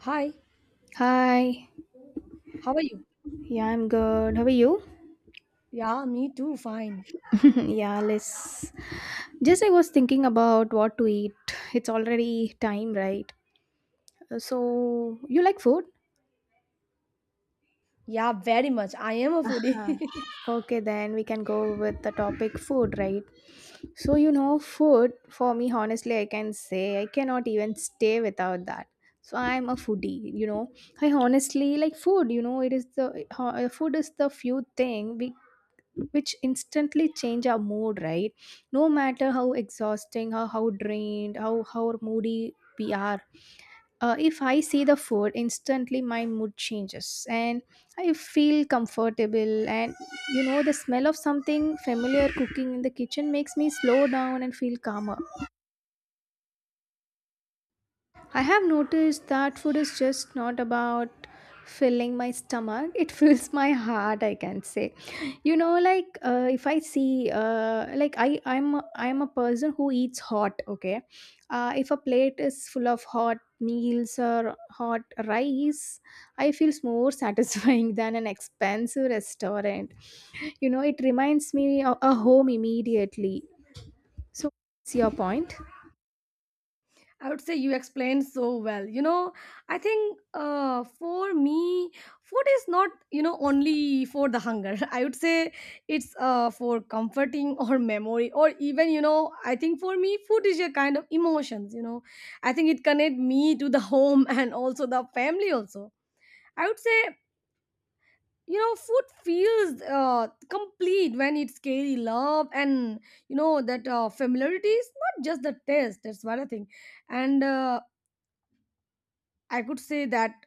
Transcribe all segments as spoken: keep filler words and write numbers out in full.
Hi, Hi. how are you? Yeah, I'm good. How are you? Yeah, me too, fine. Yeah, let's. Just I was thinking about what to eat. It's already time, right? Uh, So, you like food? Yeah, very much. I am a Huh. foodie. Okay, then we can go with the topic food, right? So, you know, food for me, honestly, I can say I cannot even stay without that. So, I'm a foodie, you know. I honestly like food, you know, it is the ho- uh, food is the few thing we which instantly change our mood, right? No matter how exhausting or how drained, how how moody we are. Uh, if I see the food, instantly my mood changes, and I feel comfortable. And you know, the smell of something familiar cooking in the kitchen makes me slow down and feel calmer. I have noticed that food is just not about filling my stomach, it fills my heart, I can say. You know, like, uh, if I see, uh, like, i i'm a- i'm a person who eats hot, okay. Uh, if a plate is full of hot meals or hot rice, I feel more satisfying than an expensive restaurant. You know, it reminds me of a home immediately. So what's your point? I would say you explained so well. You know, I think uh, for me, food is not, you know, only for the hunger. I would say it's uh, for comforting or memory or even, you know, I think for me, food is a kind of emotions, you know. I think it connect me to the home and also the family also. I would say you know food feels uh, complete when it's scary love and you know that uh, familiarity is not just the taste, that's what I think. And uh, I could say that,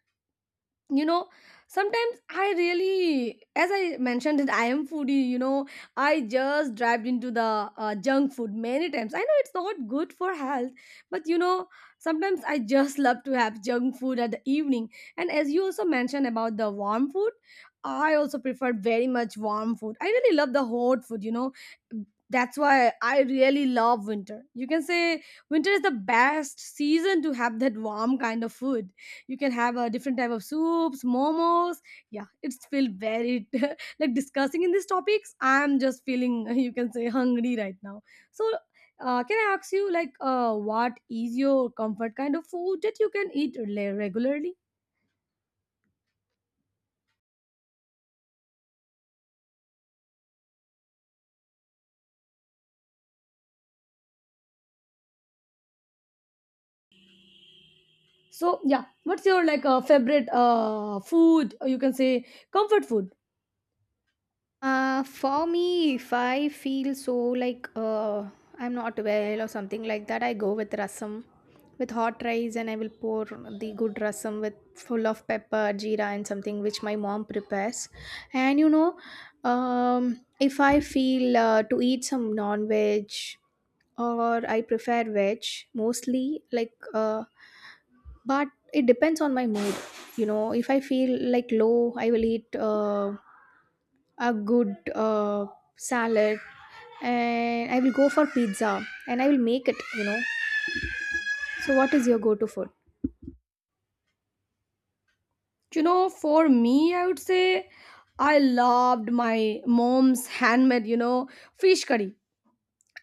you know, sometimes I really, as I mentioned, that I am foodie, you know, I just dived into the uh, junk food many times. I know it's not good for health, but you know, sometimes I just love to have junk food at the evening. And as you also mentioned about the warm food, I also prefer very much warm food. I really love the hot food, you know. That's why I really love winter, you can say. Winter is the best season to have that warm kind of food. You can have a different type of soups, momos. Yeah, it's feel very like discussing in these topics, I'm just feeling you can say hungry right now. So uh, can I ask you, like, uh, what is your comfort kind of food that you can eat le- regularly? So yeah, what's your like uh, favorite uh, food, or you can say comfort food? Uh, for me, if I feel so, like, uh, I'm not well or something like that, I go with rasam, with hot rice, and I will pour the good rasam with full of pepper, jeera, and something which my mom prepares. And you know, um, if I feel uh, to eat some non veg, or I prefer veg mostly, like, uh, but it depends on my mood. You know, if I feel like low, I will eat, uh, a good, uh, salad, and I will go for pizza, and I will make it, you know. So what is your go to food? You know, for me, I would say I loved my mom's handmade, you know, fish curry.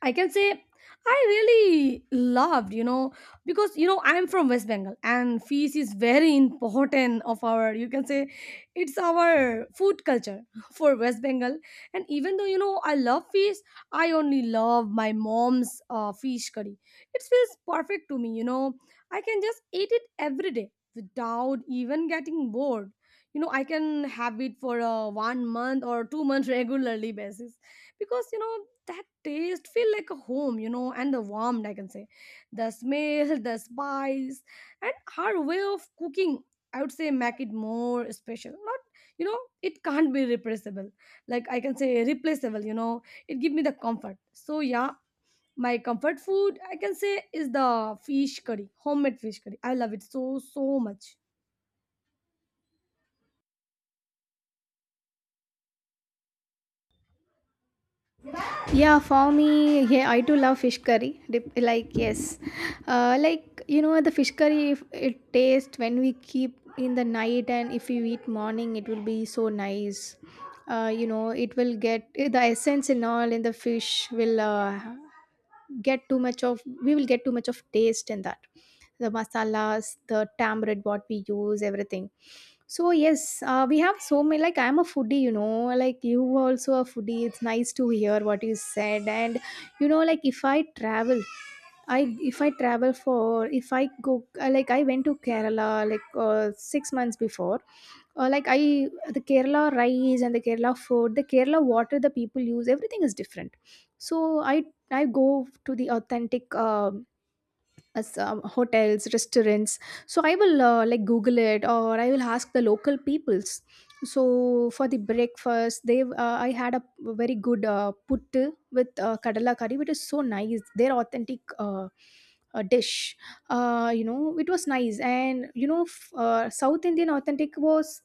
I can say I really loved, you know, because you know I'm from West Bengal and feast is very important of our, you can say, it's our food culture for West Bengal. And even though you know I love feast, I only love my mom's uh, fish curry. It feels perfect to me, you know. I can just eat it every day without even getting bored. You know, I can have it for uh, one month or two months regularly basis, because you know that taste feel like a home, you know, and the warmth, I can say, the smell, the spice and her way of cooking, I would say make it more special. Not, you know, it can't be replaceable, like I can say replaceable, you know. It give me the comfort. So yeah, my comfort food, I can say, is the fish curry, homemade fish curry. I love it so so much. Yeah, for me, yeah, I do love fish curry. Dep- like, yes. Uh, like, you know, the fish curry, if it tastes when we keep in the night and if you eat morning, it will be so nice. Uh, you know, it will get the essence and all in the fish will, uh, get too much of, we will get too much of taste in that, the masalas, the tamarind, what we use, everything. So yes, uh, we have so many, like, I'm a foodie, you know, like you also a foodie. It's nice to hear what you said. And you know, like, if I travel, I if I travel, for if I go, uh, like, I went to Kerala like, uh, six months before. Uh, like, I, the Kerala rice and the Kerala food, the Kerala water the people use, everything is different. So I I go to the authentic, uh, as, um, hotels, restaurants. So I will, uh, like, Google it or I will ask the local peoples. So for the breakfast, they uh, I had a very good uh, puttu with uh, kadala curry, which is so nice. Their authentic. Uh, uh dish. Uh you know, it was nice. And you know, f- uh, South Indian authentic was,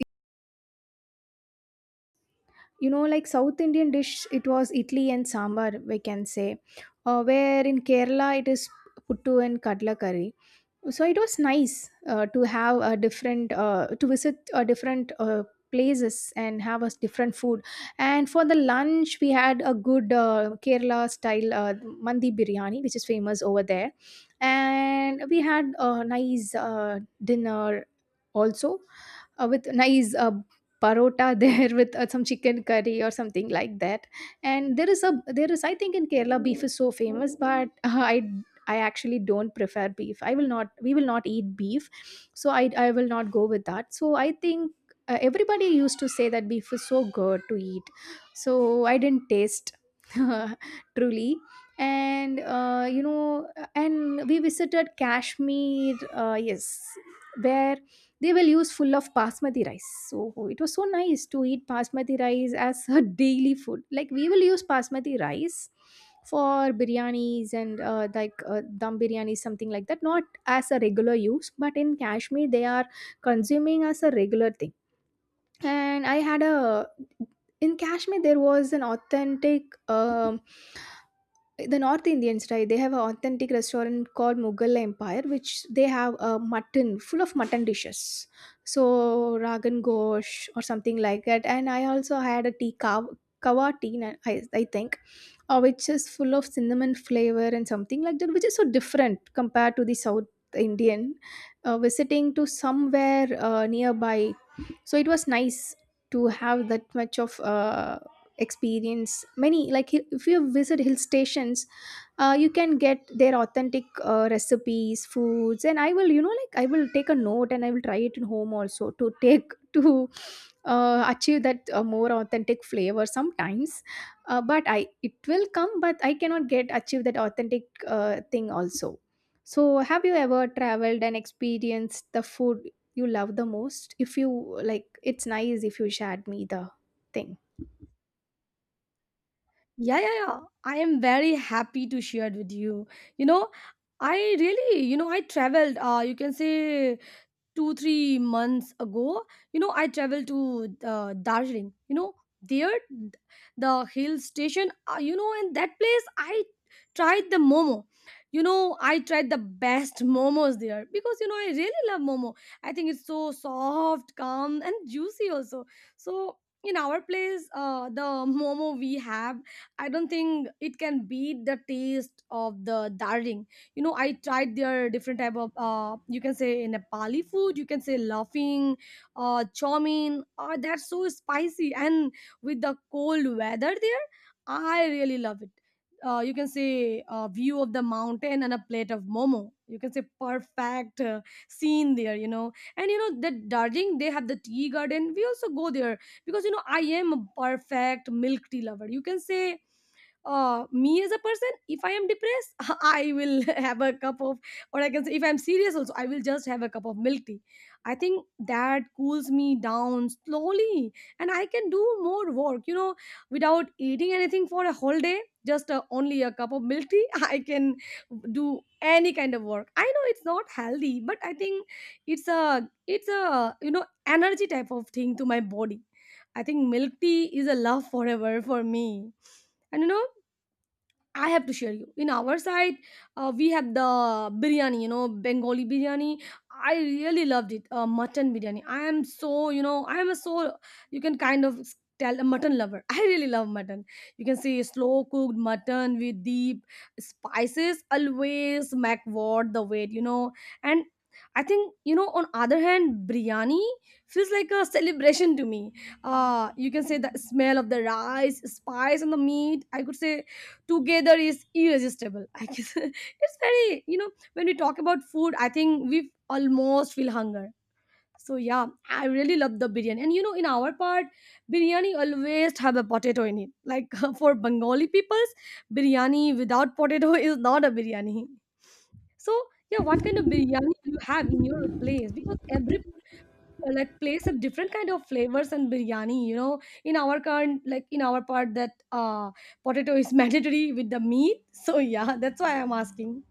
you know, like South Indian dish, it was idli and sambar, we can say. Uh, where in Kerala it is puttu and kadla curry. So it was nice, uh, to have a different, uh, to visit a different, uh, places, and have a different food. And for the lunch, we had a good uh, Kerala style uh, mandi biryani, which is famous over there. And we had a nice uh, dinner also, uh, with nice uh, parota there, with uh, some chicken curry or something like that. And there is a there is, I think, in Kerala beef is so famous, but uh, i i actually don't prefer beef. I will not we will not eat beef. So i i will not go with that. So I think uh, everybody used to say that beef is so good to eat. So I didn't taste truly. And uh, you know, and we visited Kashmir, uh, yes, where they will use full of basmati rice. So it was so nice to eat basmati rice as a daily food. Like, we will use basmati rice for biryanis and, uh, like, uh, dum biryani, something like that, not as a regular use, but in Kashmir they are consuming as a regular thing. And I had a, in Kashmir, there was an authentic, um the North Indians, right? They have an authentic restaurant called Mughal Empire, which they have a mutton, full of mutton dishes, so ragan gosh or something like that. And I also had a tea kawa, kawa tea, na- I, I think, uh, which is full of cinnamon flavor and something like that, which is so different compared to the South Indian. Uh, visiting to somewhere uh, nearby, so it was nice to have that much of. Uh, experience many, like, hi- if you visit hill stations, uh, you can get their authentic uh, recipes, foods, and I will, you know, like, I will take a note and I will try it at home also, to take to uh, achieve that uh, more authentic flavor sometimes, uh, but I, it will come, but I cannot get, achieve that authentic uh, thing also. So have you ever traveled and experienced the food you love the most? If you, like, it's nice if you shared me the thing. Yeah, yeah, yeah, I am very happy to share it with you. You know, I really, you know, I traveled, uh, you can say two three months ago, you know. I traveled to uh, Darjeeling, you know. There th- the hill station, uh, you know, in that place I tried the momo. You know, I tried the best momos there because you know I really love momo. I think it's so soft, calm and juicy also. So in our place, uh, the momo we have, I don't think it can beat the taste of the Darjeeling. You know, I tried their different type of, uh, you can say Nepali food, you can say laughing, uh, chow mein, uh, that's so spicy, and with the cold weather there, I really love it. Uh, you can say uh, view of the mountain and a plate of momo, you can say, perfect uh, scene there, you know. And you know that Darjeeling, they have the tea garden. We also go there because you know I am a perfect milk tea lover. You can say, uh, me as a person, if I am depressed, I will have a cup of, or I can say, if I'm serious also, I will just have a cup of milk tea. I think that cools me down slowly, and I can do more work. You know, without eating anything for a whole day, just uh, only a cup of milk tea, I can do any kind of work. I know it's not healthy, but I think it's a it's a you know energy type of thing to my body. I think milk tea is a love forever for me. And you know, I have to share you. In our side, uh, we have the biryani, you know, Bengali biryani. I really loved it, uh, mutton biryani. I am so, you know, I am a so, you can kind of s- tell a mutton lover. I really love mutton. You can see slow cooked mutton with deep spices always make worth the wait, you know. And I think, you know, on other hand, biryani feels like a celebration to me. Uh, you can say the smell of the rice, spice and the meat, I could say together is irresistible, I guess. It's very, you know, when we talk about food, I think we almost feel hunger. So yeah, I really love the biryani, and you know, in our part, biryani always have a potato in it, like for Bengali peoples, biryani without potato is not a biryani. So yeah, what kind of biryani you have in your place? Because every uh, like place of different kind of flavors and biryani, you know, in our current, like, in our part, that uh, potato is mandatory with the meat. So yeah, that's why I'm asking.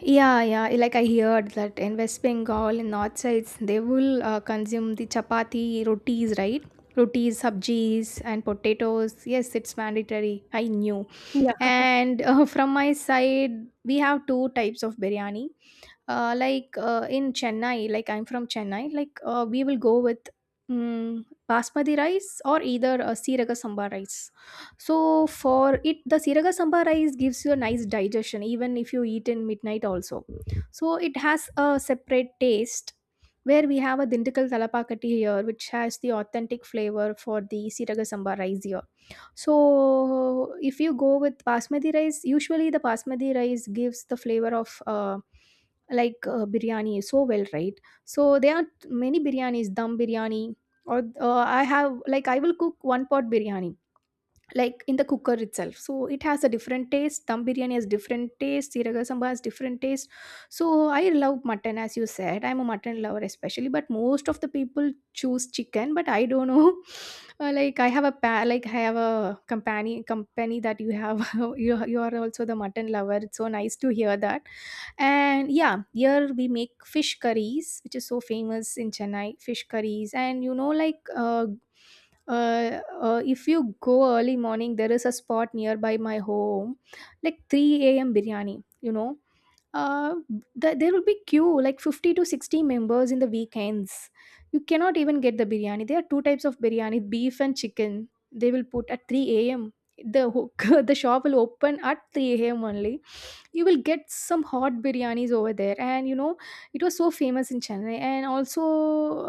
Yeah, yeah. Like, I heard that in West Bengal, in north sides, they will uh, consume the chapati, rotis, right? Rotis, sabjis, and potatoes. Yes, it's mandatory. I knew. Yeah, And uh, from my side, we have two types of biryani, uh, like, uh, in Chennai, like, I'm from Chennai, like, uh, we will go with, mm basmati rice or either a siraga sambar rice. So for it, the siraga sambar rice gives you a nice digestion even if you eat in midnight also. So it has a separate taste, where we have a dintikal talapakati here, which has the authentic flavor for the siraga sambar rice here. So if you go with basmati rice, usually the basmati rice gives the flavor of, uh, like, uh, biryani so well, right? So there are many biryanis, dum biryani, or uh, I have, like, I will cook one pot biryani, like, in the cooker itself. So it has a different taste, dum biryani has different taste, siraga samba has different taste. So I love mutton, as you said, I'm a mutton lover especially, but most of the people choose chicken, but I don't know. Uh, like, I have a pa- like, I have a company company that you have, you you are also the mutton lover. It's so nice to hear that. And yeah, here we make fish curries, which is so famous in Chennai, fish curries. And you know, like, uh, uh, uh, if you go early morning, there is a spot nearby my home like three a.m. biryani, you know. uh, th- there will be queue like fifty to sixty members in the weekends. You cannot even get the biryani. There are two types of biryani, beef and chicken. They will put at three a.m. the ho- the shop will open at three a.m. only. You will get some hot biryanis over there. And you know, it was so famous in Chennai. And also,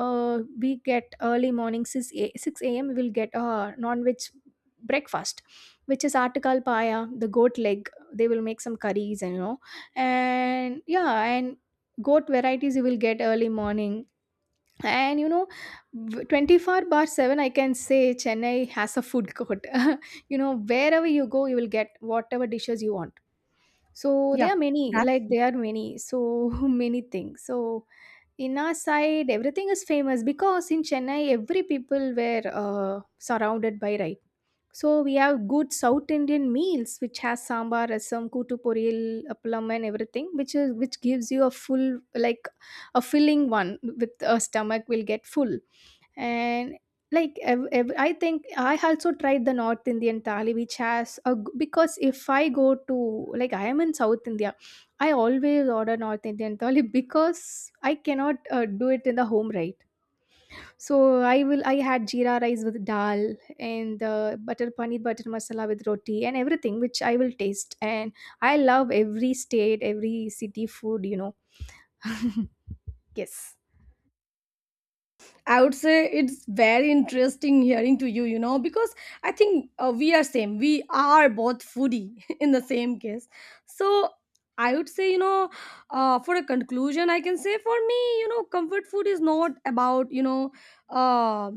uh, we get early morning six a six a.m. we will get a non-veg breakfast, which is artikal paya, the goat leg. They will make some curries, and you know. And yeah, and goat varieties you will get early morning. And you know, w- twenty four bar seven, I can say, Chennai has a food court. You know, wherever you go, you will get whatever dishes you want. So yeah, there are many, that's, like, there are many, so many things. So in our side, everything is famous because in Chennai, every people were uh, surrounded by rice. So we have good South Indian meals which has sambar, rasam, kutu poriyal, appalam, and everything, which is, which gives you a full, like, a filling one, with a stomach will get full. And like, ev- ev- I think I also tried the North Indian thali, which has a g-, because if I go to, like, I am in South India, I always order North Indian thali because I cannot uh, do it in the home, right? So I will, I had jeera rice with dal, and uh, butter paneer, butter masala with roti, and everything, which I will taste. And I love every state, every city food, you know. Yes. I would say, it's very interesting hearing to you, you know, because I think uh, we are same. We are both foodie in the same case. So I would say, you know, uh, for a conclusion, I can say for me, you know, comfort food is not about, you know, uh,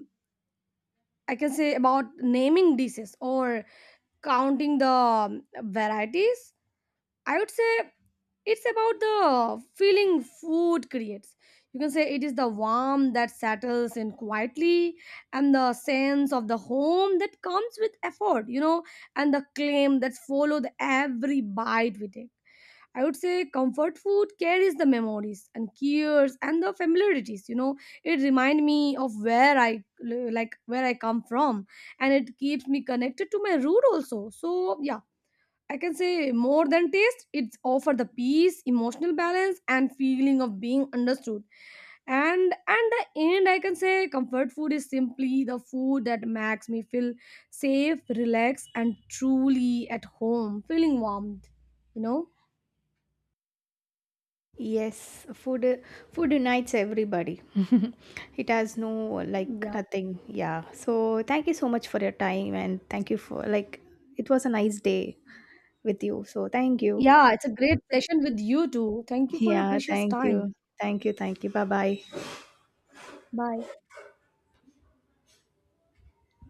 I can say about naming dishes or counting the um, varieties. I would say it's about the feeling food creates. You can say it is the warmth that settles in quietly, and the sense of the home that comes with effort, you know, and the claim that follow the every bite we take. I would say comfort food carries the memories and cures and the familiarities. You know, it remind me of where I, like, where I come from, and it keeps me connected to my root also. So yeah, I can say more than taste, it's offer the peace, emotional balance, and feeling of being understood. And and the end, I can say comfort food is simply the food that makes me feel safe, relaxed, and truly at home, feeling warmed. You know, Yes, food uh, food unites everybody. It has no, like, yeah. nothing. Yeah. So thank you so much for your time, and thank you for, like, it was a nice day with you. So thank you. Yeah, it's a great session with you too. Thank you for your Yeah, precious thank time. you. Thank you. Thank you. Bye-bye. Bye.